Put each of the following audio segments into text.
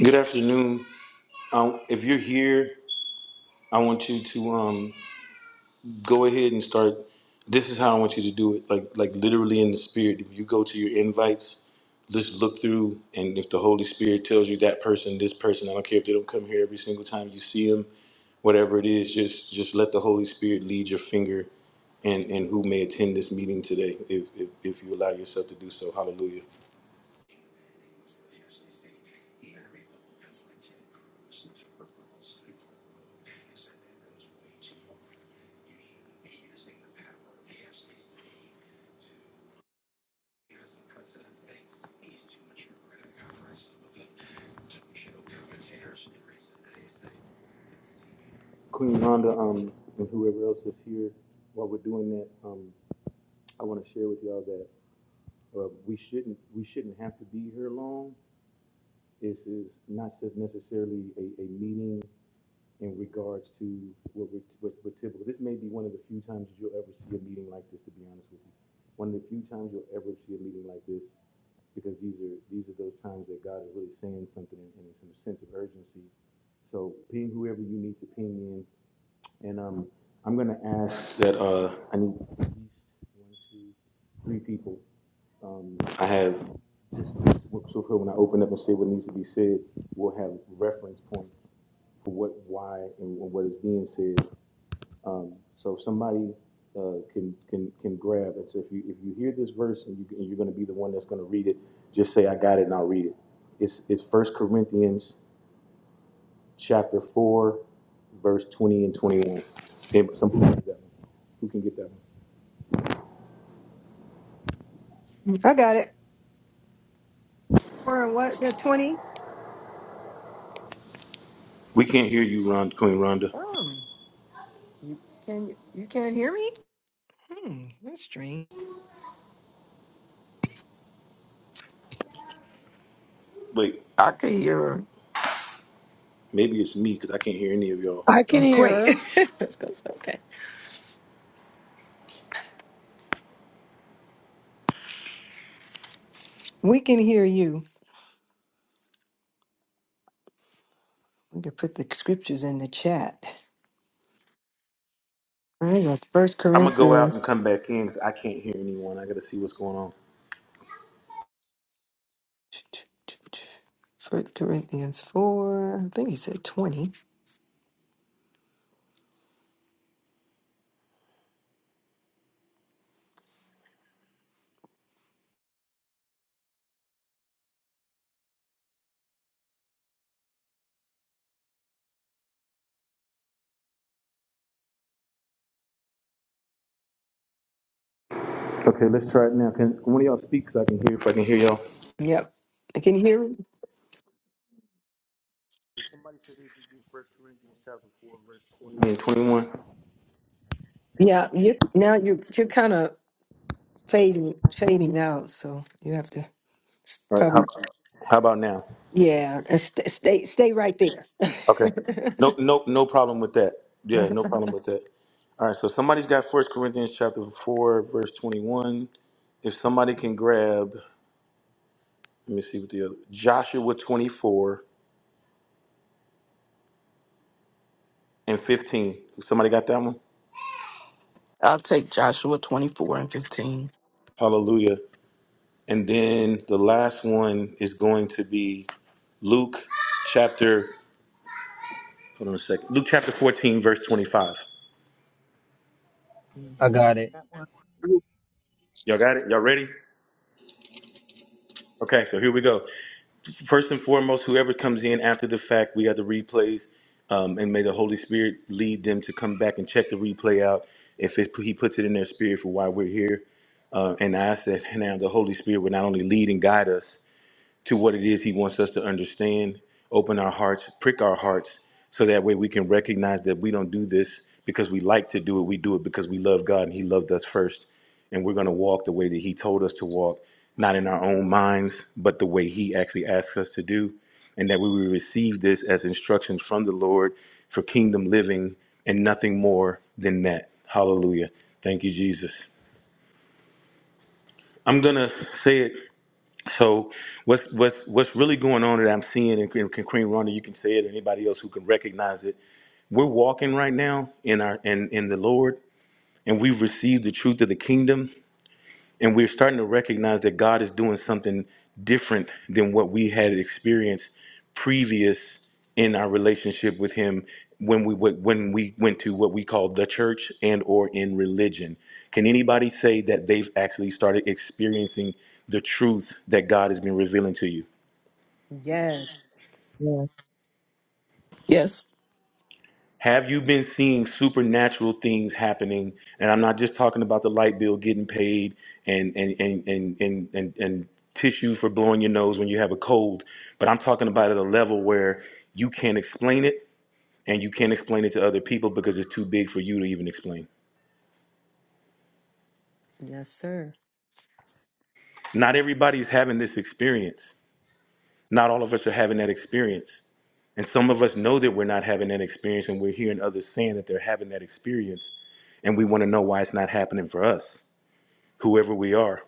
Good afternoon. Um, if you're here, I want you to um, go ahead and start. This is how I want you to do it, like like literally in the spirit. If you go to your invites, just look through, and if the Holy Spirit tells you that person, this person, I don't care if they don't come here every single time you see them, whatever it is, just just let the Holy Spirit lead your finger, and and who may attend this meeting today, if if, if you allow yourself to do so. Hallelujah. Queen Rhonda, um, and whoever else is here, while we're doing that, um. I want to share with y'all that uh, we shouldn't we shouldn't have to be here long. This is not so- necessarily a, a meeting in regards to what we're, what we're typical. This may be one of the few times that you'll ever see a meeting like this. To be honest with you, one of the few times you'll ever see a meeting like this, because these are these are those times that God is really saying something and it's in a sense of urgency. So ping whoever you need to ping in, and um, I'm gonna ask that uh, I need at least one, two, three people um, I have just, just so for when I open up and say what needs to be said, we'll have reference points for what, why, and what is being said. Um, so if somebody uh, can can can grab and say, if you if you hear this verse and, you, and you're going to be the one that's going to read it, just say I got it and I'll read it. It's it's First Corinthians chapter four, verse twenty and twenty one. Can some who that one? Who can get that one? I got it. Or what? The 20? We can't hear you, Ron, Queen Rhonda. Oh, you, can, you you can't hear me? Hmm, that's strange. Wait, I can hear her. maybe it's me because I can't hear any of y'all. I Oh, can hear her. great. Let's go. Okay. We can hear you. We can put the scriptures in the chat. All right, that's First I'm gonna go out and Corinthians. come back in because I can't hear anyone. I gotta see what's going on. First Corinthians 4. I think he said 20. Okay, let's try it now. Can one of y'all speak so I can hear if I can hear y'all? Yep. I can hear I mean, 21. Yeah. You, now you you're kind of fading, fading out. So you have to All right. How probably how about now? Yeah, uh, st- stay stay right there. Okay. No, no, no problem with that. Yeah, no problem with that. All right. So somebody's got First Corinthians chapter four, verse 21. If somebody can grab, let me see what the other Joshua 24 and 15. Somebody got that one? I'll take Joshua 24 and 15. Hallelujah. And then the last one is going to be Luke chapter, hold on a second, Luke chapter 14, verse 25. I Mhm. got it. That one. Y'all got it? Y'all ready? Okay, so here we go. First and foremost, whoever comes in after the fact, we got the replays, um, and may the Holy Spirit lead them to come back and check the replay out if it, He puts it in their spirit for why we're here. Uh, and I ask that now the Holy Spirit would not only lead and guide us, to what it is He wants us to understand, open our hearts, prick our hearts, so that way we can recognize that we don't do this because we like to do it. We do it because we love God and He loved us first. And we're going to walk the way that He told us to walk, not in our own minds, but the way He actually asks us to do. And that we will receive this as instructions from the Lord for kingdom living and nothing more than that. Hallelujah. Thank you, Jesus. I'm going to say it so what's what's what's really going on that I'm seeing, and, and Kareem Ronda, you can say it, and anybody else who can recognize it. We're walking right now in our in in the Lord, and we've received the truth of the kingdom, and we're starting to recognize that God is doing something different than what we had experienced previous in our relationship with Him when we went- when we went to what we call the church and or in religion. Can anybody say that they've actually started experiencing the truth that God has been revealing to you? Yes. Yes, Yes, Have you been seeing supernatural things happening? And I'm not just talking about the light bill getting paid and and and and and and, and tissue for blowing your nose when you have a cold, but I'm talking about at a level where you can't explain it and you can't explain it to other people because it's too big for you to even explain. Yes, sir. Not everybody's having this experience. Not all of us are having that experience. And some of us know that we're not having that experience and we're hearing others saying that they're having that experience and we want to know why it's not happening for us, whoever we are.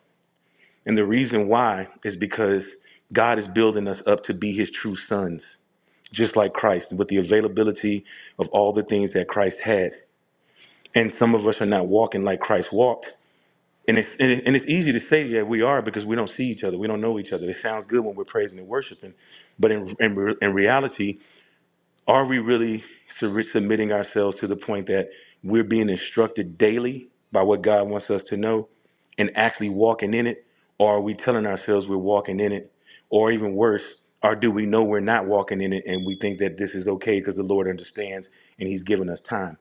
And the reason why is because God is building us up to be his true sons, just like Christ, with the availability of all the things that Christ had. And some of us are not walking like Christ walked. And it's, and it- and it's easy to say that we are because we don't see each other. We don't know each other. It sounds good when we're praising and worshiping. But in, in, re- in reality, are we really sur- submitting ourselves to the point that we're being instructed daily by what God wants us to know and actually walking in it? Or are we telling ourselves we're walking in it? Or even worse, or do we know we're not walking in it and we think that this is okay because the Lord understands and He's given us time?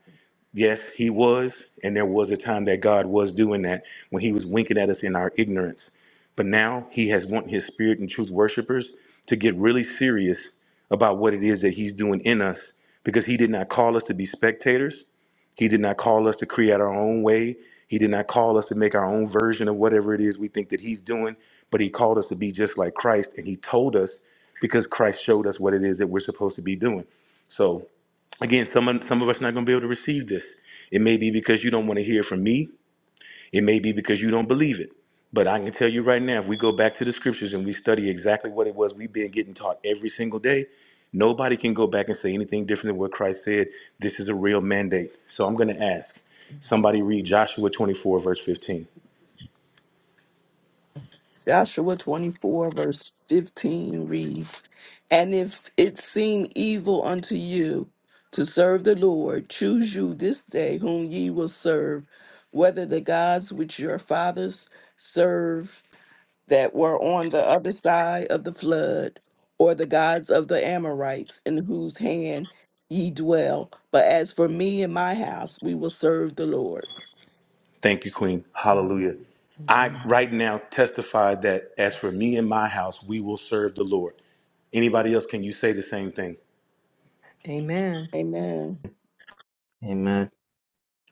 Yes, he was, and there was a time that God was doing that when he was winking at us in our ignorance. But now he has want his spirit and truth worshipers to get really serious about what it is that he's doing in us because he did not call us to be spectators. He did not call us to create our own way. He did not call us to make our own version of whatever it is we think that he's doing, but he called us to be just like Christ and he told us because Christ showed us what it is that we're supposed to be doing. So again some of, some of us not going to be able to receive this it may be because you don't want to hear from me it may be because you don't believe it but i can tell you right now if we go back to the scriptures and we study exactly what it was we've been getting taught every single day nobody can go back and say anything different than what christ said this is a real mandate so i'm going to ask somebody read joshua 24 verse 15 Joshua 24, verse 15 reads And if it seem evil unto you to serve the Lord, choose you this day whom ye will serve, whether the gods which your fathers served that were on the other side of the flood, or the gods of the Amorites in whose hand ye dwell. But as for me and my house, we will serve the Lord. thank you queen hallelujah i Mhm. right now testify that as for me and my house we will serve the lord anybody else can you say the same thing Amen. Amen. Amen.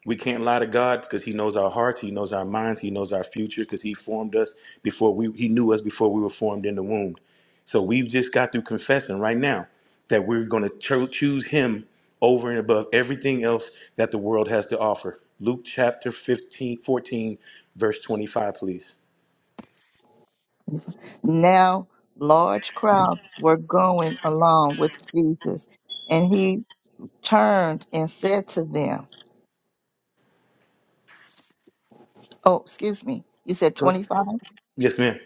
We can't lie to God because He knows our hearts, He knows our minds, He knows our future because He formed us before we He knew us before we were formed in the womb. So we have just got through confessing right now that we're going to cho- choose Him over and above everything else that the world has to offer. Luke chapter 15, 14, verse 25, please. Now large crowds were going along with Jesus, and he turned and said to them, Oh, excuse me, you said Good. 25? Yes, ma'am.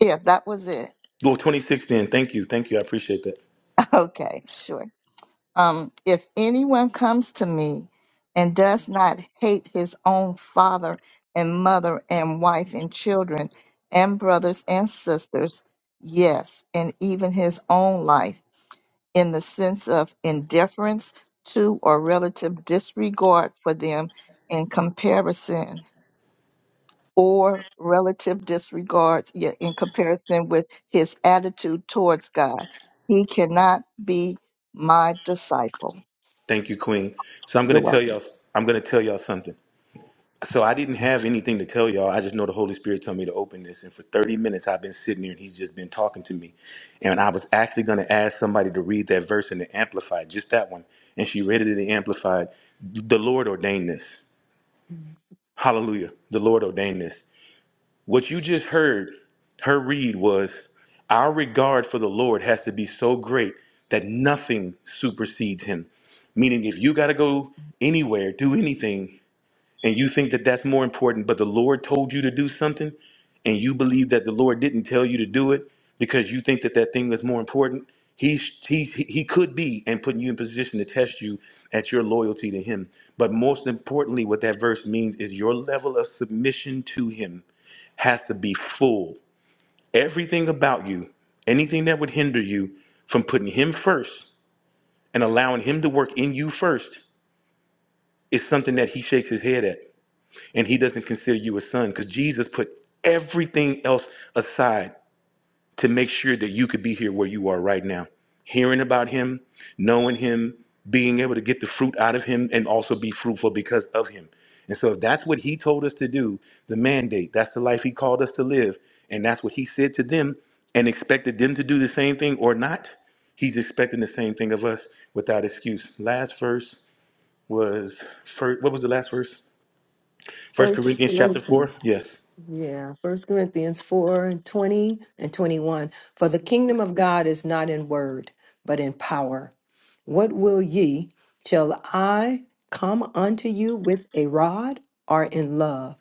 Yeah, that was it. Well, 26 then. Thank you. Thank you. I appreciate that. Okay, sure. Um, if anyone comes to me and does not hate his own father and mother and wife and children and brothers and sisters, yes, and even his own life, in the sense of indifference to or relative disregard for them in comparison or relative disregard yeah, in comparison with his attitude towards God. He cannot be my disciple. Thank you, Queen. So I'm going to You're tell welcome. y'all, I'm going to tell y'all something. So I didn't have anything to tell y'all. I just know the Holy Spirit told me to open this. And for 30 minutes, I've been sitting here and he's just been talking to me. And I was actually going to ask somebody to read that verse in the Amplified, just that one. And she read it in the Amplified. The Lord ordained this. Hallelujah. The Lord ordained this. What you just heard her read was Our regard for the Lord has to be so great that nothing supersedes him. Meaning, if you got to go anywhere, do anything, and you think that that's more important, but the Lord told you to do something, and you believe that the Lord didn't tell you to do it because you think that that thing is more important, he, he, he could be and putting you in position to test you at your loyalty to Him. But most importantly, what that verse means is your level of submission to Him has to be full. Everything about you, anything that would hinder you from putting Him first and allowing Him to work in you first, is something that He shakes His head at and he doesn't consider you a son because Jesus put everything else aside to make sure that you could be here where you are right now, hearing about him, knowing him, being able to get the fruit out of him, and also be fruitful because of him. And so, if that's what he told us to do, the mandate, that's the life he called us to live, and that's what he said to them and expected them to do the same thing or not, he's expecting the same thing of us without excuse. Last verse was, first, what was the last verse? First First Corinthians chapter Corinthians. 4? Yes. Yeah, First Corinthians 4 and 20 and 21. For the kingdom of God is not in word, but in power. What will ye? Shall I come unto you with a rod or in love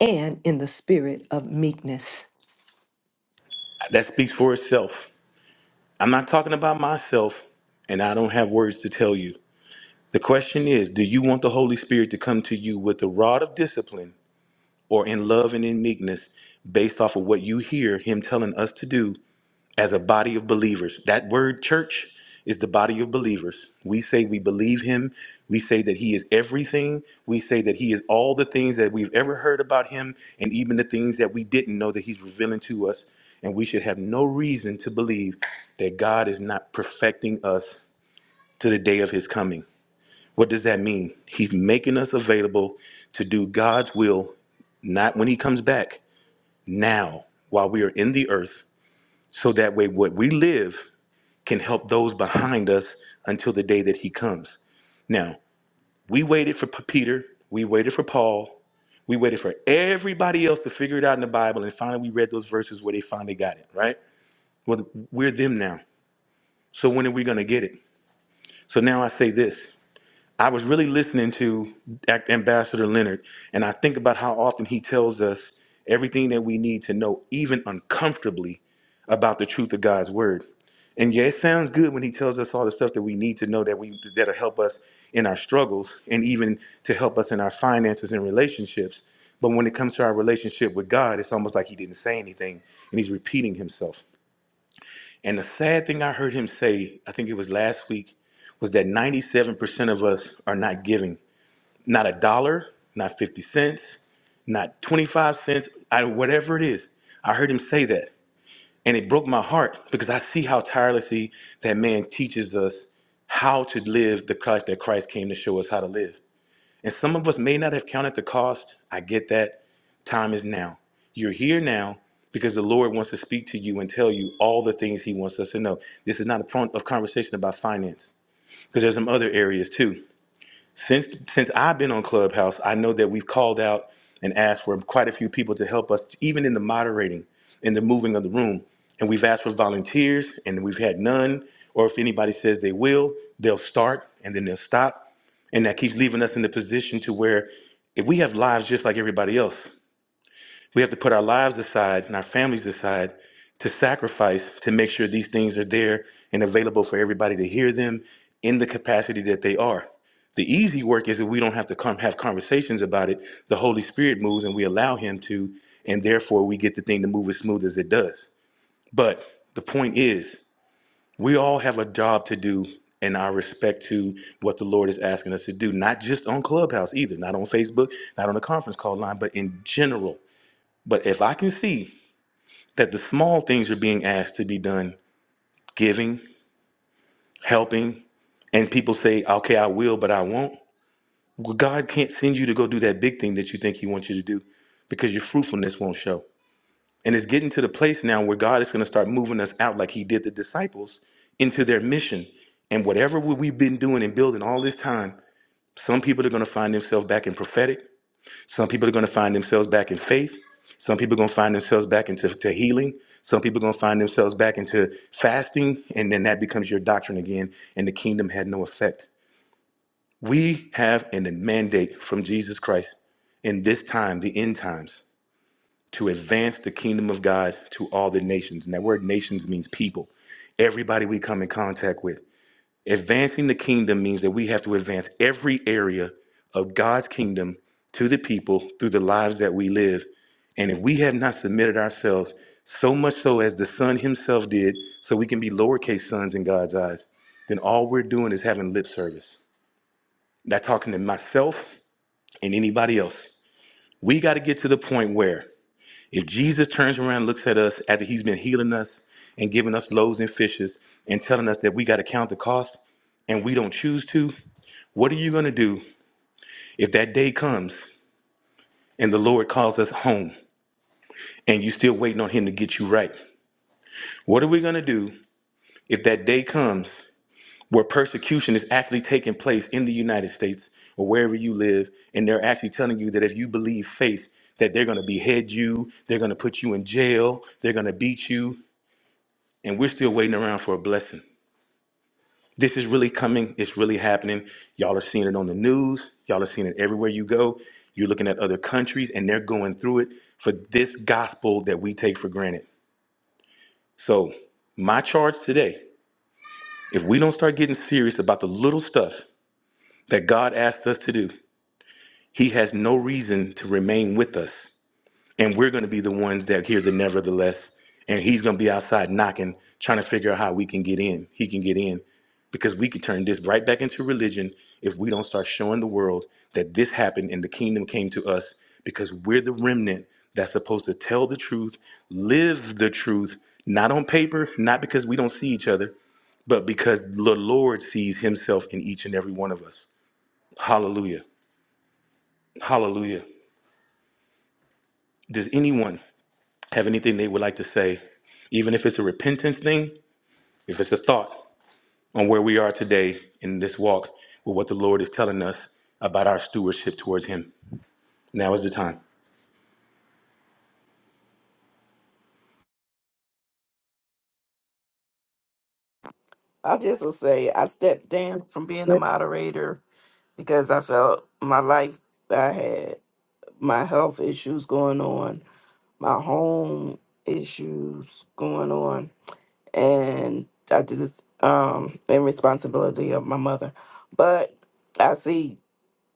and in the spirit of meekness? That speaks for itself. I'm not talking about myself, and I don't have words to tell you. The question is Do you want the Holy Spirit to come to you with the rod of discipline or in love and in meekness based off of what you hear Him telling us to do? as a body of believers. That word church is the body of believers. We say we believe him. We say that he is everything. We say that he is all the things that we've ever heard about him and even the things that we didn't know that he's revealing to us. And we should have no reason to believe that God is not perfecting us to the day of his coming. What does that mean? He's making us available to do God's will, not when he comes back, now, while we are in the earth, so that way what we live can help those behind us until the day that he comes. Now, we waited for P- Peter, we waited for Paul, we waited for everybody else to figure it out in the Bible, and finally we read those verses where they finally got it, right? Well, we're them now. So when are we going to get it? So now I say this. I was really listening to Ac- Ambassador Leonard, and I think about how often he tells us everything that we need to know, even uncomfortably, about the truth of God's word. And yeah, it sounds good when he tells us all the stuff that we need to know that we that'll help us in our struggles and even to help us in our finances and relationships. But when it comes to our relationship with God, it's almost like he didn't say anything and he's repeating himself. And the sad thing I heard him say, I think it was last week, was that 97% of us are not giving. Not a dollar, not 50 cents, not 25 cents, I, whatever it is. I heard him say that. And it broke my heart because I see how tirelessly that man teaches us how to live the Christ that Christ came to show us how to live. And some of us may not have counted the cost. I get that. Time is now. You're here now because the Lord wants to speak to you and tell you all the things He wants us to know. This is not a point of conversation about finance because there's some other areas too since since I've been on Clubhouse, I know that we've called out and asked for quite a few people to help us, even in the moderating, in the moving of the room. And we've asked for volunteers, and we've had none. Or if anybody says they will, they'll start and then they'll stop, and that keeps leaving us in the position to where if we have lives just like everybody else. We have to put our lives aside and our families aside to sacrifice to make sure these things are there and available for everybody to hear them in the capacity that they are. The easy work is that we don't have to come have conversations about it. The Holy Spirit moves and we allow him to, and therefore we get the thing to move as smooth as it does. But the point is, we all have a job to do in our respect to what the Lord is asking us to do, not just on Clubhouse either, not on Facebook, not on the conference call line, but in general. But if I can see that the small things are being asked to be done giving, helping, and people say, okay, I will, but I won't. Well, God can't send you to go do that big thing that you think He wants you to do because your fruitfulness won't show. And it's getting to the place now where God is going to start moving us out like He did the disciples into their mission. And whatever we- we've been doing and building all this time, some people are going to find themselves back in prophetic. Some people are going to find themselves back in faith. Some people are going to find themselves back into to healing. Some people are going to find themselves back into fasting. And then that becomes your doctrine again. And the kingdom had no effect. We have a mandate from Jesus Christ in this time, the end times, to advance the kingdom of God to all the nations. And that word nations means people, everybody we come in contact with. Advancing the kingdom means that we have to advance every area of God's kingdom to the people through the lives that we live. And if we have not submitted ourselves so much so as the Son Himself did, so we can be lowercase sons in God's eyes, then all we're doing is having lip service, not talking to myself and anybody else. We got to get to the point where if Jesus turns around and looks at us after He's been healing us and giving us loaves and fishes and telling us that we got to count the cost and we don't choose to, what are you going to do if that day comes and the Lord calls us home and you're still waiting on Him to get you right? What are we going to do if that day comes where persecution is actually taking place in the United States or wherever you live and they're actually telling you that if you believe faith, that they're going to behead you, they're going to put you in jail, they're going to beat you, and we're still waiting around for a blessing? This is really coming. It's really happening. Y'all are seeing it on the news. Y'all are seeing it everywhere you go. You're looking at other countries and they're going through it for this gospel that we take for granted. So, my charge today if we don't start getting serious about the little stuff that God asked us to do, He has no reason to remain with us. and we're going to be the ones that hear the nevertheless and he's going to be outside knocking trying to figure out how we can get in he can get in because we could turn this right back into religion if we don't start showing the world that this happened and the kingdom came to us because we're the remnant that's supposed to tell the truth live the truth not on paper not because we don't see each other but because the lord sees himself in each and every one of us hallelujah hallelujah does anyone have anything they would like to say, even if it's a repentance thing, if it's a thought on where we are today in this walk with what the Lord is telling us about our stewardship towards Him. Now is the time. I just will say I stepped down from being a moderator because I felt my life I had my health issues going on, my home issues going on, and I just um and responsibility of my mother. But I see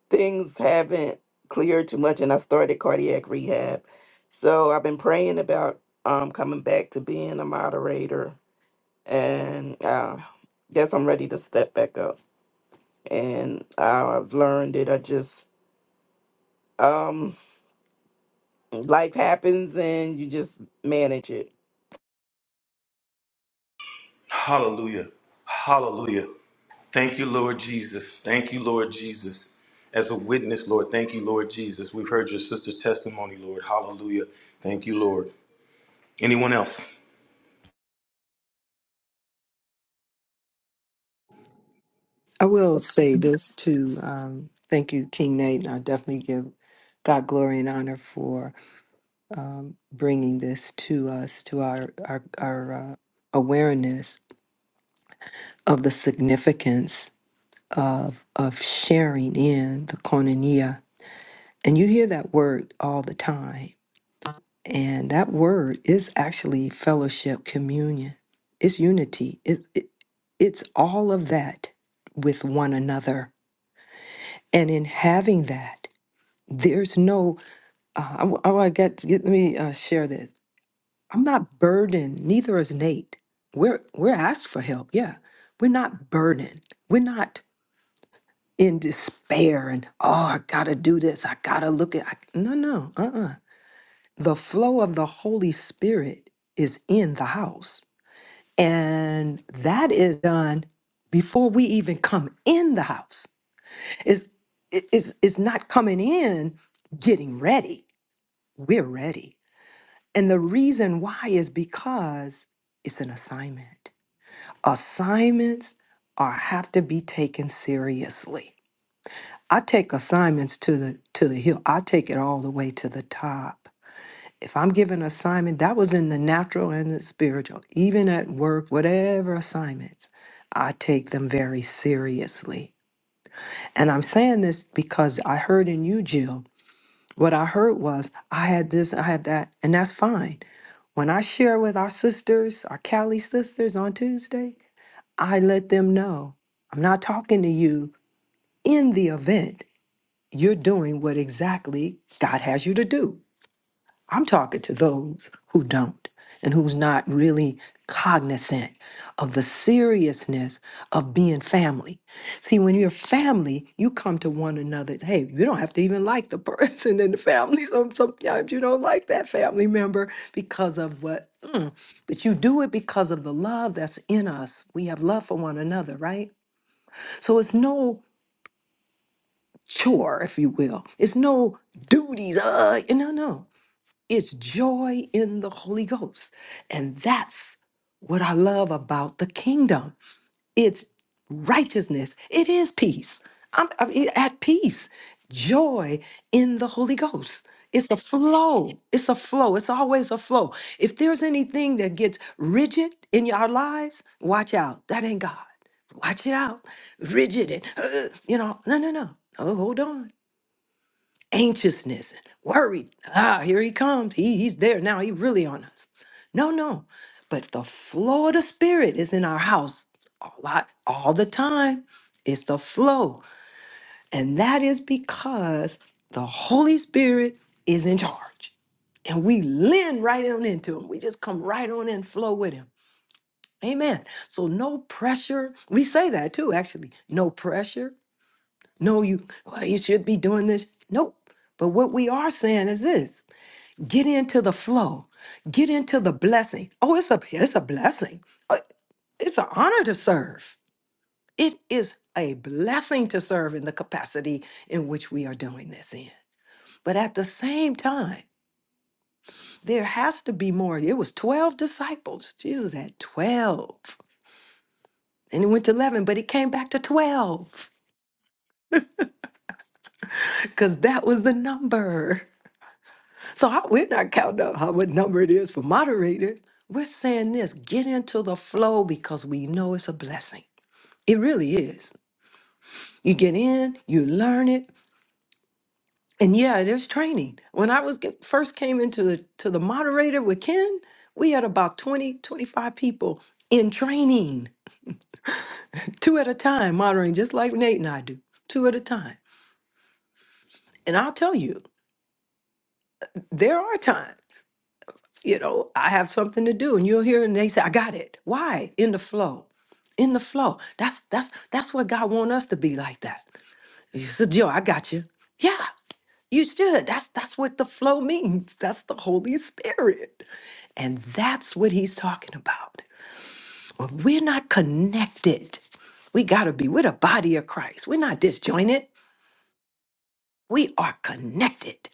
things haven't cleared too much and I started cardiac rehab. So I've been praying about um coming back to being a moderator and uh, guess I'm ready to step back up. And I've learned that I just um life happens and you just manage it. Hallelujah. Hallelujah. Thank you, Lord Jesus. Thank you, Lord Jesus. As a witness, Lord, thank you, Lord Jesus. We've heard your sister's testimony, Lord. Hallelujah. Thank you, Lord. Anyone else? I will say Mhm. this too. Um, thank you, King Nate. and I definitely give God glory and honor for bringing this to us, to our, our, our uh, awareness of the significance. of of sharing in the koinonia. And you hear that word all the time. And that word is actually fellowship, communion. It's unity. It, it, it's all of that with one another. And in having that, there's no, uh, I, w- I w- I got to get, let me uh, share this. I'm not burdened, neither is Nate. We're, we're asked for help, yeah. We're not burdened. We're not in despair and oh i gotta do this i gotta look at I, no no uh-uh the flow of the holy spirit is in the house and that is done before we even come in the house is is is not coming in getting ready we're ready and the reason why is because it's an assignment assignments are have to be taken seriously I take assignments to the to the hill. I take it all the way to the top. If I'm given an assignment, that was in the natural and the spiritual, even at work, whatever assignments, I take them very seriously. And I'm saying this because I heard in you, Jill, what I heard was I had this, I had that, and that's fine. When I share with our sisters, our Cali sisters on Tuesday, I let them know I'm not talking to you in the event. you're doing what exactly God has you to do. I'm talking to those who don't and who's not really cognizant of the seriousness of being family. See, when you're family, you come to one another. Hey, you don't have to even like the person in the family. Some sometimes you don't like that family member because of what, mm, but you do it because of the love that's in us. We have love for one another, right? So it's no chore, if you will. It's no duties. Uh, no, no. It's joy in the Holy Ghost. And that's what I love about the kingdom. It's righteousness. It is peace. I'm, I'm at peace. Joy in the Holy Ghost. It's a flow. It's a flow. It's always a flow. If there's anything that gets rigid in our lives, watch out. That ain't God. Watch it out. Rigid and, uh, you know, no, no, no. Oh, hold on anxiousness and worried. Ah, here he comes. He, he's there now. He really on us. No, no. But the flow of the spirit is in our house a lot all the time. It's the flow. And that is because the Holy Spirit is in charge. And we lean right on into him. We just come right on and flow with him. Amen. So no pressure. We say that too, actually. No pressure. No, you well, you should be doing this. Nope. But what we are saying is this Get into the flow. Get into the blessing. Oh, it's a it's a blessing. Uh, It's an honor to serve. It is a blessing to serve in the capacity in which we are doing this in. But at the same time, there has to be more. It was 12 disciples. Jesus had 12. And he went to 11, but he came back to 12 because that was the number. So I, we're not counting out how what number it is for moderators. We're saying this get into the flow because we know it's a blessing. It really is. You get in, you learn it, and yeah, there's training. When I was get, first came into the to the moderator with Ken, we had about 20 25 people in training, two at a time, moderating just like Nate and I do, two at a time. And I'll tell you, there are times, you know, I have something to do and you'll hear and they say, I got it. Why? In the flow. In the flow. That's that's that's what God wants us to be like that He said, Joe, I got you. Yeah, you should. That's that's what the flow means. That's the Holy Spirit. And that's what he's talking about. When we're not connected, we gotta be. We're the body of Christ. We're not disjointed. We are connected.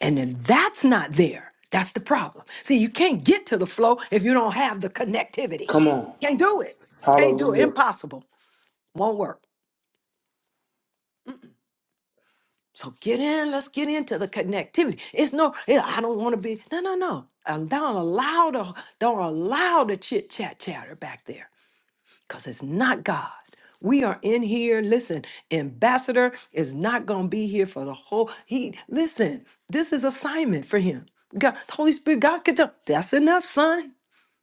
And then that's not there. That's the problem. See, you can't get to the flow if you don't have the connectivity. Come on. Can't do it. Can't do it. Hallelujah. Impossible. Won't work. So get in, let's get into the connectivity. It's no, yeah, I don't want to be, no, no, no. Um, don't allow the don't allow the chit chat chatter back there. Because it's not God. We are in here. Listen, ambassador is not gonna be here for the whole. He listen, this is assignment for him. God, Holy Spirit, God could tell. That's enough, son.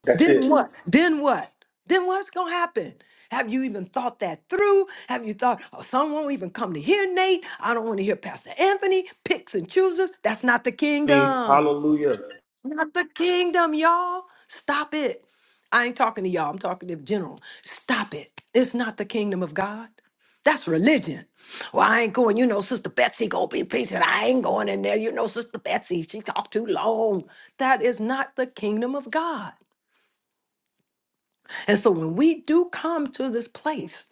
That's Then it. what? Then what? Then what's gonna happen? Have you even thought that through? Have you thought, oh, some won't even come to hear Nate? I don't want to hear Pastor Anthony picks and chooses. That's not the Mm, kingdom. Hallelujah. It's not the kingdom, y'all. Stop it. I ain't talking to y'all. I'm talking to general. Stop it. It's not the kingdom of God. That's religion. Well, I ain't going. You know, Sister Betsy go be preaching. I ain't going in there. You know, Sister Betsy, she talked too long. That is not the kingdom of God. And so when we do come to this place,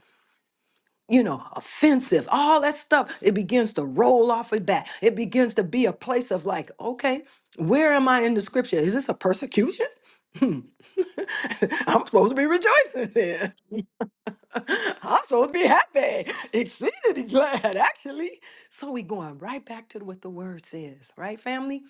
you know, offensive, all that stuff, it begins to roll off and back. It begins to be a place of like, okay, where am I in the scripture? Is this a persecution? I'm supposed to be rejoicing here. I'm supposed to be happy, exceedingly glad, actually. So we going right back to what the word says, right, family?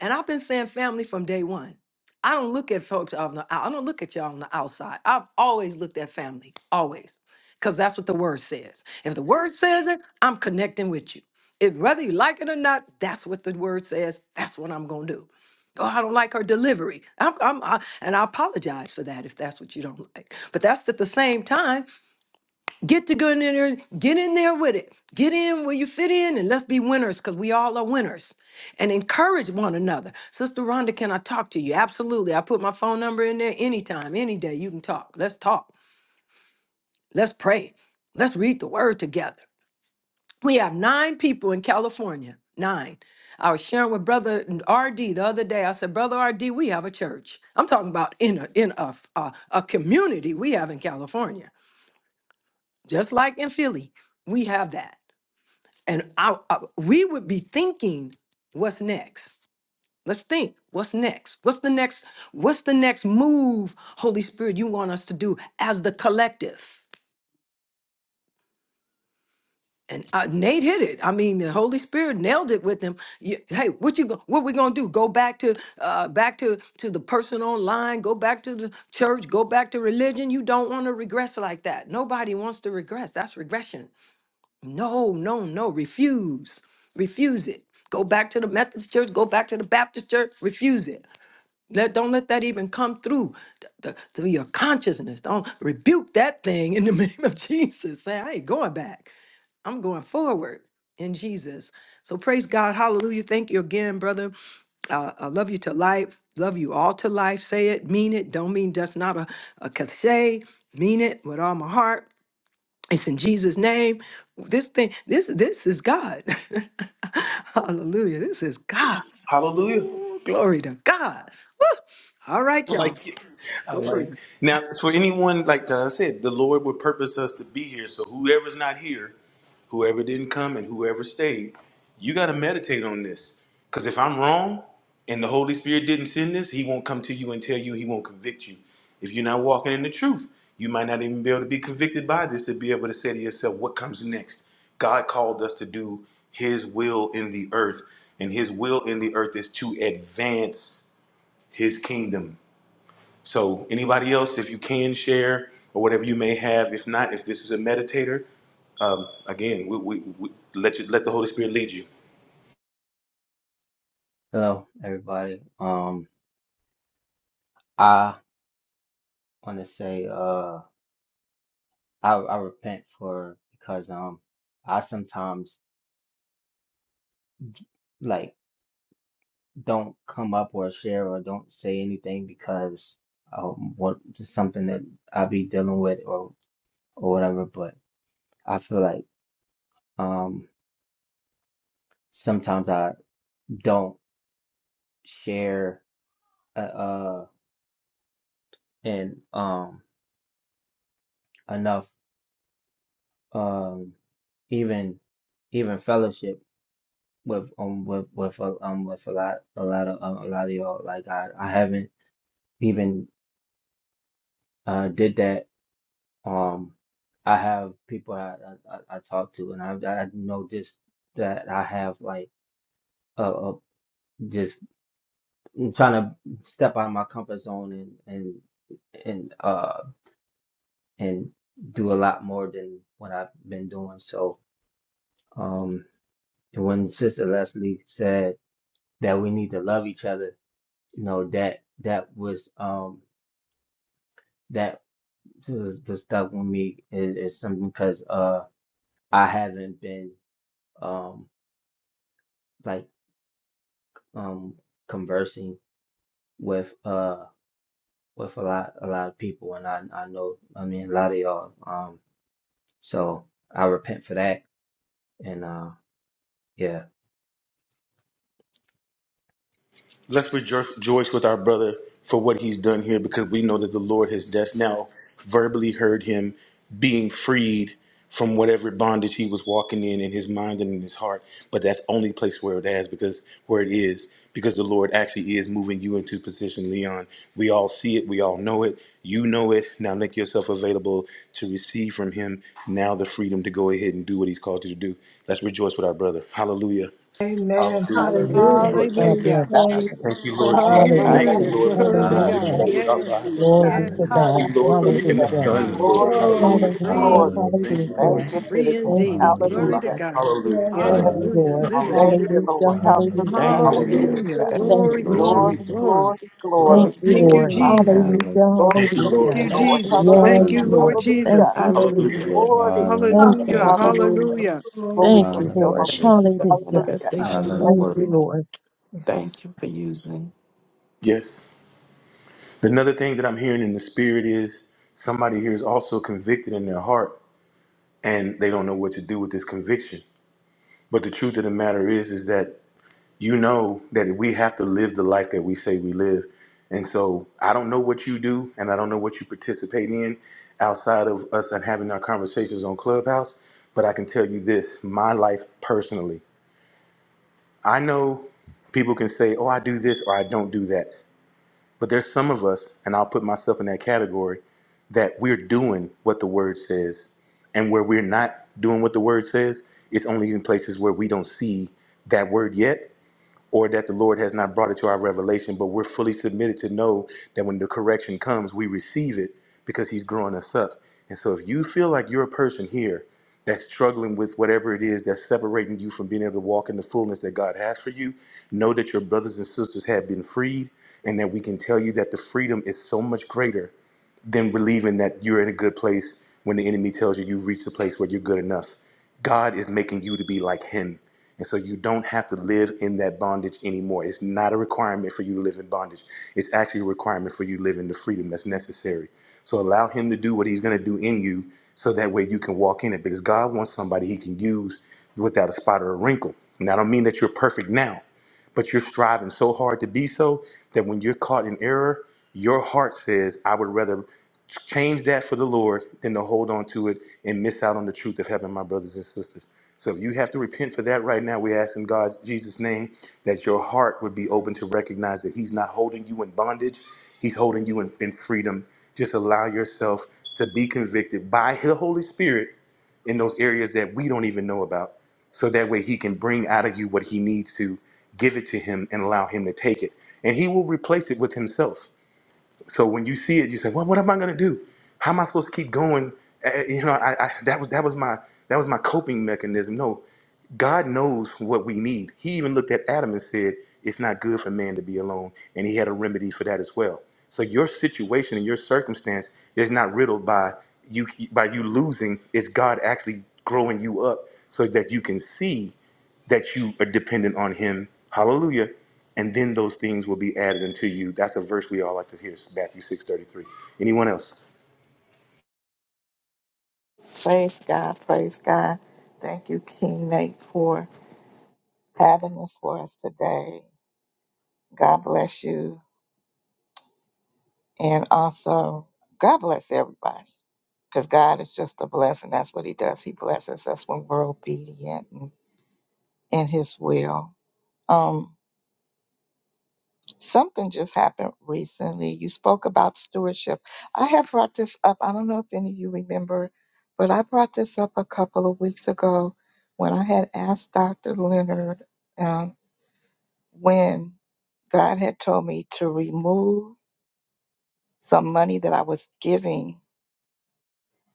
And I've been saying family from day one. I don't look at folks on the out- I don't look at y'all on the outside. I've always looked at family, always, because that's what the word says. If the word says it, I'm connecting with you. If whether you like it or not, that's what the word says. That's what I'm gonna do. Oh, I don't like her delivery. I'm, I'm, I, and I apologize for that if that's what you don't like. But that's at the same time. Get the good in there, get in there with it. Get in where you fit in and let's be winners because we all are winners. And encourage one another. Sister Rhonda, can I talk to you? Absolutely. I put my phone number in there anytime, any day. You can talk. Let's talk. Let's pray. Let's read the word together. We have nine people in California. Nine. I was sharing with Brother RD the other day. I said, Brother RD, we have a church. I'm talking about in a in a, a, a community we have in California, just like in Philly. We have that. and I, I we would be thinking what's next let's think what's next what's the next what's the next move holy spirit you want us to do as the collective and uh, Nate hit it. I mean, the Holy Spirit nailed it with him. You- hey, what you go, what we gonna do? Go back to uh, back to to the person online. Go back to the church. Go back to religion. You don't want to regress like that. Nobody wants to regress. That's regression. No, no, no, refuse. Refuse it. Go back to the Methodist church, go back to the Baptist church, refuse it. Let, don't let that even come through th- th- through your consciousness. Don't rebuke that thing in the name of Jesus. Say, I ain't going back. I'm going forward in Jesus. So praise God. Hallelujah. Thank you again, brother. Uh, I love you to life. Love you all to life. Say it, mean it. Don't mean that's not a, a cliche. Mean it with all my heart. It's in Jesus' name. This thing, this this is God. Hallelujah. This is God. Hallelujah. Ooh, glory to God. Woo. All right, I y'all. like it. I like it. now for anyone like I said, the Lord would purpose us to be here. So whoever's not here, whoever didn't come, and whoever stayed, you got to meditate on this. Because if I'm wrong, and the Holy Spirit didn't send this, He won't come to you and tell you. He won't convict you. If you're not walking in the truth, you might not even be able to be convicted by this to be able to say to yourself, "What comes next?" God called us to do His will in the earth, and His will in the earth is to advance His kingdom so, anybody else, if you can share or whatever you may have, if not, if this is a meditator, um, again, we, we, we let you let the Holy Spirit lead you. Hello, everybody. Um, I want to say, uh, I I repent for because um, I sometimes like don't come up or share or don't say anything because um, what just something that I be dealing with or or whatever. But I feel like um, sometimes I don't share uh, uh and um enough um even even fellowship. with um with with uh, um with a lot a lot of uh, a lot of y'all. Like I I haven't even uh did that. Um, I have people I I, I I talk to, and I I know just that I have like uh, uh just trying to step out of my comfort zone and and and uh and do a lot more than what I've been doing. So um and when Sister Leslie said that we need to love each other, you know that that was um that. to to stuck with me is, is something because uh I haven't been um like um conversing with uh with a lot a lot of people and I I know I mean a lot of y'all um so I repent for that and uh yeah Let's rejoice with our brother for what he's done here because we know that the Lord has just now verbally heard him being freed from whatever bondage he was walking in in his mind and in his heart. But that's only place where it has because where it is because the Lord actually is moving you into position, Leon. We all see it, we all know it, you know it. Now make yourself available to receive from him now the freedom to go ahead and do what he's called you to do. Let's rejoice with our brother. Hallelujah. Amen. Hallelujah. Lord. Thank you, Hallelujah. Hallelujah. Lord God Praise Jesus. bless Hallelujah. God. you. Glory Hallelujah. God. Thank to you, Lord Jesus. Hallelujah. Thank you, Hallelujah. Hallelujah. Hallelujah. Lord, for Hallelujah. the Glory to move that your you Hallelujah. God. hallelujah Thank do in our you, faithfulness, Yes. oh lives. Jesus. Glory Yes. God. to hallelujah Thank God. you, Lord, Hallelujah. for making Hallelujah. us Hallelujah. sons, hallelujah Lord. Glory, Hallelujah. Glory, Hallelujah. glory, Hallelujah. hallelujah Free. glory. to hallelujah Thank your you, Lord Thank Lord Hallelujah. you name Jesus. to every Free the Thank King. day. you, indeed. God. Glory hallelujah to Hallelujah. Jesus. God. Hallelujah. Yes, Yes. Thank Lord, you, Hallelujah. hallelujah Lord. continue to Liberty. Thank Hallelujah. you, Hallelujah. bless Lord. hallelujah Hallelujah, Hallelujah. Thank you, Lord. Hallelujah. Lord. Hallelujah. Hallelujah. Thank Thank you, Glory, you, Lord. glory, Glory, hallelujah Lord Jesus. glory. glory, Thank Glory glory. you, to Thank Thank your you, you, Lord. Father. name, Jesus. hallelujah God. Hallelujah. Lord Oh, we Thank you, Hallelujah. thank Thank Lord. you, you, God. Thank Lord. you for Jesus. your Yes, Thank Hallelujah. you, hallelujah Lord news. Lord. Lord Thank Hallelujah. Jesus. you, Jesus. Hallelujah. Hallelujah. Glory. Thank hallelujah you, Hallelujah. Hallelujah. Lord Thank you, Jesus. Hallelujah. Lord. Hallelujah. Glory Glory to Thank to you, you, your holy Lord. Hallelujah. Thank Lord. you Jesus. for name. the Hallelujah. Hallelujah. manifestation of Hallelujah. your Thank Hallelujah, you, word. Lord. Lord. Yes. Thank you for using. Yes. Another thing that I'm hearing in the spirit is somebody here is also convicted in their heart and they don't know what to do with this conviction. But the truth of the matter is, is that you know that we have to live the life that we say we live. And so I don't know what you do and I don't know what you participate in outside of us and having our conversations on Clubhouse, but I can tell you this my life personally. I know people can say, oh, I do this or I don't do that. But there's some of us, and I'll put myself in that category, that we're doing what the word says. And where we're not doing what the word says, it's only in places where we don't see that word yet or that the Lord has not brought it to our revelation, but we're fully submitted to know that when the correction comes, we receive it because He's growing us up. And so if you feel like you're a person here that's struggling with whatever it is that's separating you from being able to walk in the fullness that God has for you, know that your brothers and sisters have been freed and that we can tell you that the freedom is so much greater than believing that you're in a good place when the enemy tells you you've reached a place where you're good enough. God is making you to be like Him. And so you don't have to live in that bondage anymore. It's not a requirement for you to live in bondage. It's actually a requirement for you to live in the freedom that's necessary. So allow Him to do what He's going to do in you so that way you can walk in it because God wants somebody He can use without a spot or a wrinkle. And I don't mean that you're perfect now. But you're striving so hard to be so that when you're caught in error, your heart says, I would rather change that for the Lord than to hold on to it and miss out on the truth of heaven, my brothers and sisters. So if you have to repent for that right now, we ask in God's Jesus' name that your heart would be open to recognize that He's not holding you in bondage, He's holding you in, in freedom. Just allow yourself to be convicted by the Holy Spirit in those areas that we don't even know about so that way he can bring out of you what he needs to give it to him and allow him to take it and he will replace it with himself so when you see it, you say, "Well, what am I going to do? How am I supposed to keep going?" Uh, uh, You know, I, I, that was that was my that was my coping mechanism. No, God knows what we need. He even looked at Adam and said, "It's not good for man to be alone," and He had a remedy for that as well. So your situation and your circumstance is not riddled by you by you losing. It's God actually growing you up so that you can see that you are dependent on him. Hallelujah. And then those things will be added unto you. That's a verse we all like to hear. It's Matthew six thirty three. Anyone else? Thank- Praise God. Praise God. Thank you, King Nate, for having this for us today. God bless you. And also, God bless everybody because God is just a blessing. That's what He does. He blesses us when we're obedient and in His will. Um. Something just happened recently. You spoke about stewardship. I have brought this up. I don't know if any of you remember, but I brought this up a couple of weeks ago when I had asked Dr. Leonard um, when God had told me to remove some money that I was giving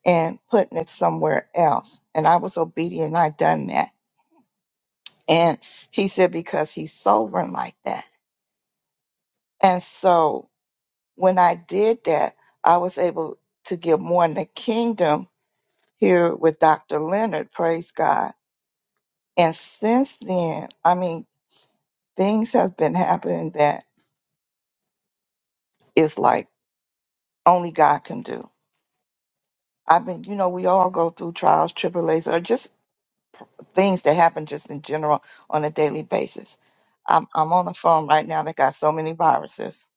and putting it somewhere else. And I was obedient. I done that. And he said, because he's sovereign like that. And so when I did that, I was able to give more in the kingdom here with Dr. Leonard, praise God. And since then, I mean, things have been happening that is like only God can do. I've been, you know, we all go through trials, tribulations, or just things that happen just in general on a daily basis. I'm, I'm on the phone right now that got so many viruses.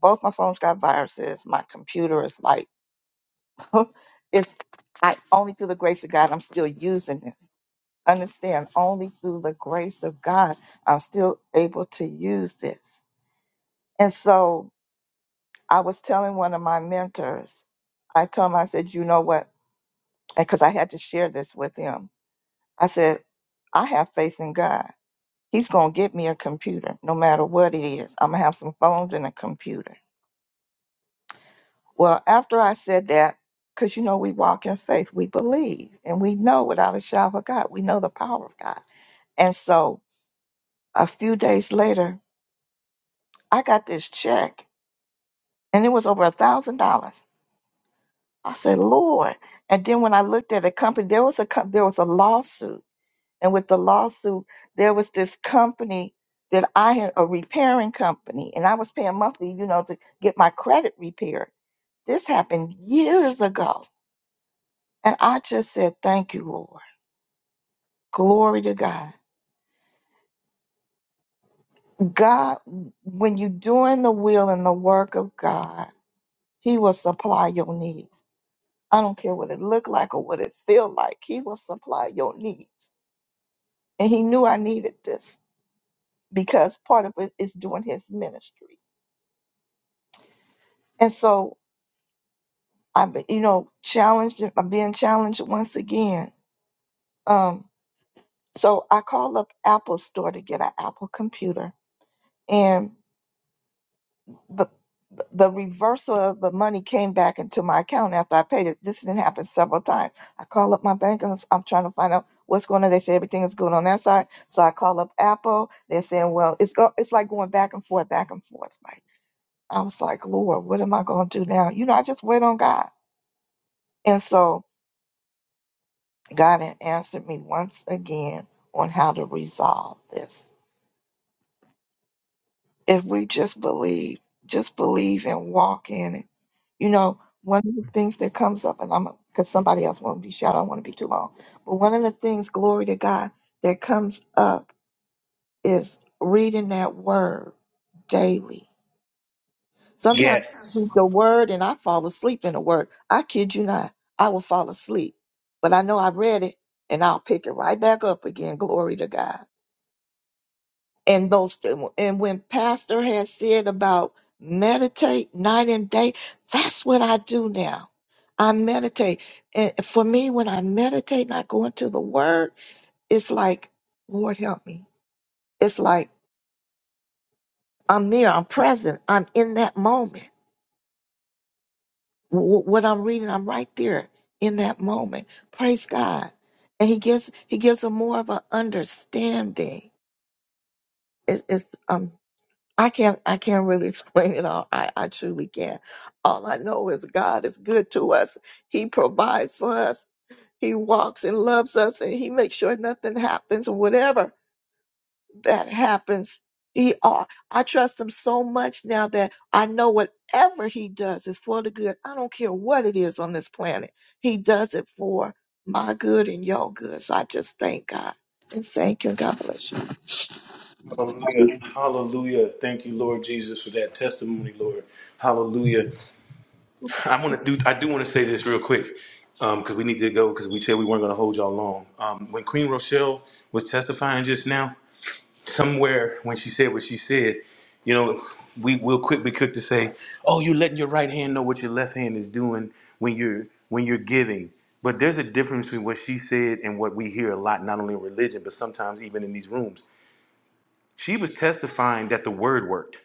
Both my phones got viruses. My computer is like, it's I only through the grace of God I'm still using this understand only through the grace of God I'm still able to use this. And so I was telling one of my mentors, I told him, I said, you know what? Because I had to share this with him. I said, I have faith in God. He's going to get me a computer no matter what it is. I'm going to have some phones and a computer. Well, after I said that, because you know, we walk in faith, we believe, and we know without a shadow of God, we know the power of God. And so a few days later, I got this check and it was over a thousand dollars. I said, Lord. And then when I looked at a company, there was a co- there was a lawsuit, and with the lawsuit, there was this company that I had a repairing company, and I was paying monthly, you know, to get my credit repaired. This happened years ago, and I just said, Thank you, Lord. Glory to God. God, when you're doing the will and the work of God, He will supply your needs. I don't care what it looked like or what it feel like. He will supply your needs. And he knew I needed this because part of it is doing his ministry. And so I've been, you know, challenged. I'm being challenged once again. Um, so I call up Apple Store to get an Apple computer. and. the the reversal of the money came back into my account after I paid it. This didn't happen several times. I call up my bank and I'm trying to find out what's going on. They say everything is good on that side. So I call up Apple. They're saying, well, it's go- it's like going back and forth, back and forth, right? I was like, Lord, what am I going to do now? You know, I just wait on God. And so God had answered me once again on how to resolve this. if we just believe, just believe and walk in it. You know, one of the things that comes up, and I'm because somebody else won't be shy, I don't want to be too long. But one of the things, glory to God, that comes up is reading that word daily. Sometimes I read Yes. the word and I fall asleep in the word. I kid you not, I will fall asleep, but I know I read it and I'll pick it right back up again. Glory to God. and those and when pastor has said about meditate night and day that's what i do now i meditate and for me when i meditate and i go into the word it's like lord help me it's like i'm there i'm present i'm in that moment Wh- what i'm reading i'm right there in that moment praise god and he gives he gives a more of an understanding it's, it's um, I can't I can't really explain it all. I, I truly can't. All I know is God is good to us. He provides for us. He walks and loves us and he makes sure nothing happens, whatever that happens. He, uh, I trust him so much now that I know whatever he does is for the good. I don't care what it is on this planet. He does it for my good and your good. So I just thank God and thank you. God bless Hallelujah. Hallelujah. Thank you, Lord Jesus, for that testimony, Lord. Hallelujah. you. I Yes, want to do I do want to say this real quick. because we need to go because we said we weren't going to hold y'all long. Um, when Queen Rochelle was testifying just now, somewhere when she said what she said, you know, we will quickly quick to say, "Oh, you're letting your right hand know what your left hand is doing when you're when you're giving." But there's a difference between what she said and what we hear a lot, not only in religion, but sometimes even in these rooms. She was testifying that the word worked.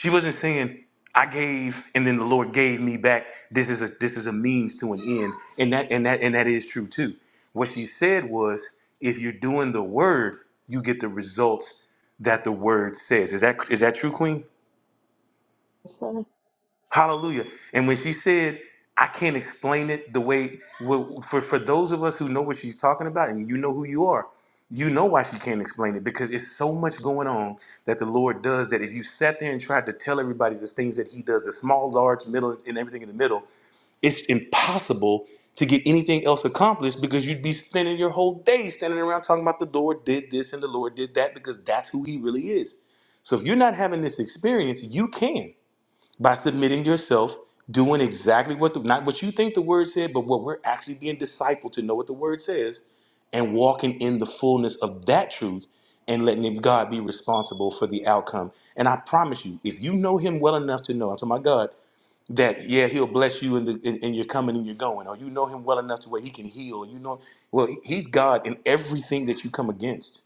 She wasn't saying, I gave and then the Lord gave me back. This is a this is a means to an end. And that and that and that is true too. What she said was, if you're doing the word, you get the results that the word says. Is that is that true, Queen? Sir, Hallelujah. And when she said, I can't explain it the way, well, for, for those of us who know what she's talking about, and you know who you are, you know why she can't explain it because it's so much going on that the Lord does that if you sat there and tried to tell everybody the things that He does, the small, large, middle, and everything in the middle, it's impossible to get anything else accomplished because you'd be spending your whole day standing around talking about the Lord did this and the Lord did that because that's who He really is. So if you're not having this experience, you can by submitting yourself, doing exactly what the, not what you think the word said, but what we're actually being discipled to know what the word says, and walking in the fullness of that truth, and letting God be responsible for the outcome. And I promise you, if you know Him well enough to know, I'm talking about God, that yeah, He'll bless you in the in, in your coming and your going, or you know Him well enough to where He can heal. You know, well, He's God in everything that you come against.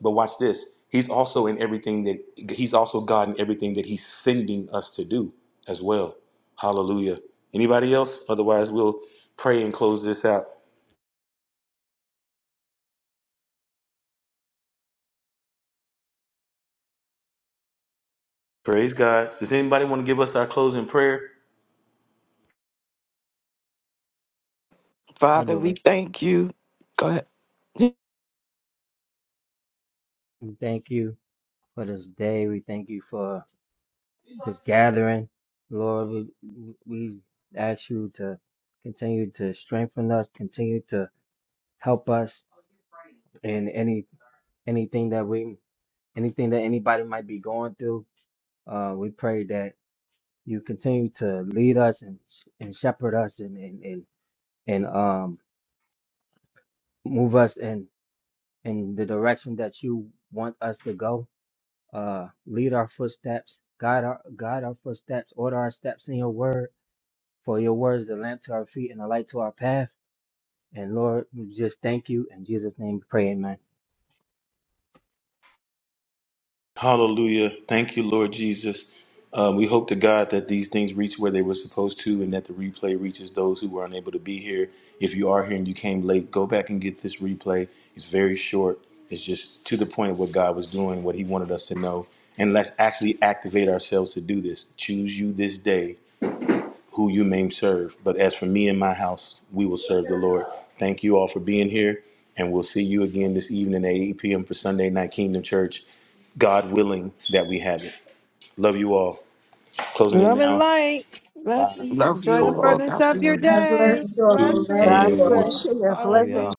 But watch this. He's also in everything that he's also God in everything that he's sending us to do as well. Hallelujah. Anybody else? Otherwise, we'll pray and close this out. Praise God. Does anybody want to give us our closing prayer? I Father, do we it. thank you. Go ahead. We thank you for this day. We thank you for this gathering. Lord, we, we ask you to continue to strengthen us, continue to help us in any anything that we anything that anybody might be going through. Uh, we pray that you continue to lead us and and shepherd us and and and, and um move us in in the direction that you want us to go uh, lead our footsteps, guide our guide our footsteps, order our steps in your word. For your word is a lamp to our feet and a light to our path. And Lord, we just thank you. In Jesus' name we pray, amen. Hallelujah. Thank you, Lord Jesus. Uh, we hope to God that these things reach where they were supposed to and that the replay reaches those who were unable to be here. If you are here and you came late, go back and get this replay. It's very short, it's just to the point of what God was doing, what He wanted us to know. And let's actually activate ourselves to do this. Choose you this day who you may serve. But as for me and my house, we will serve the Lord. Thank you all for being here, and we'll see you again this evening at 8 p.m. for Sunday Night Kingdom Church. God willing that we have it. Love you all. Closing it Love and now. light. Five, Blessings. Love you Enjoy the all. four, furtherance God of your God bless. bless day. you all. two, Love God you and one. bless all. you. Blessings. Your Love Hallelujah. blessing y'all.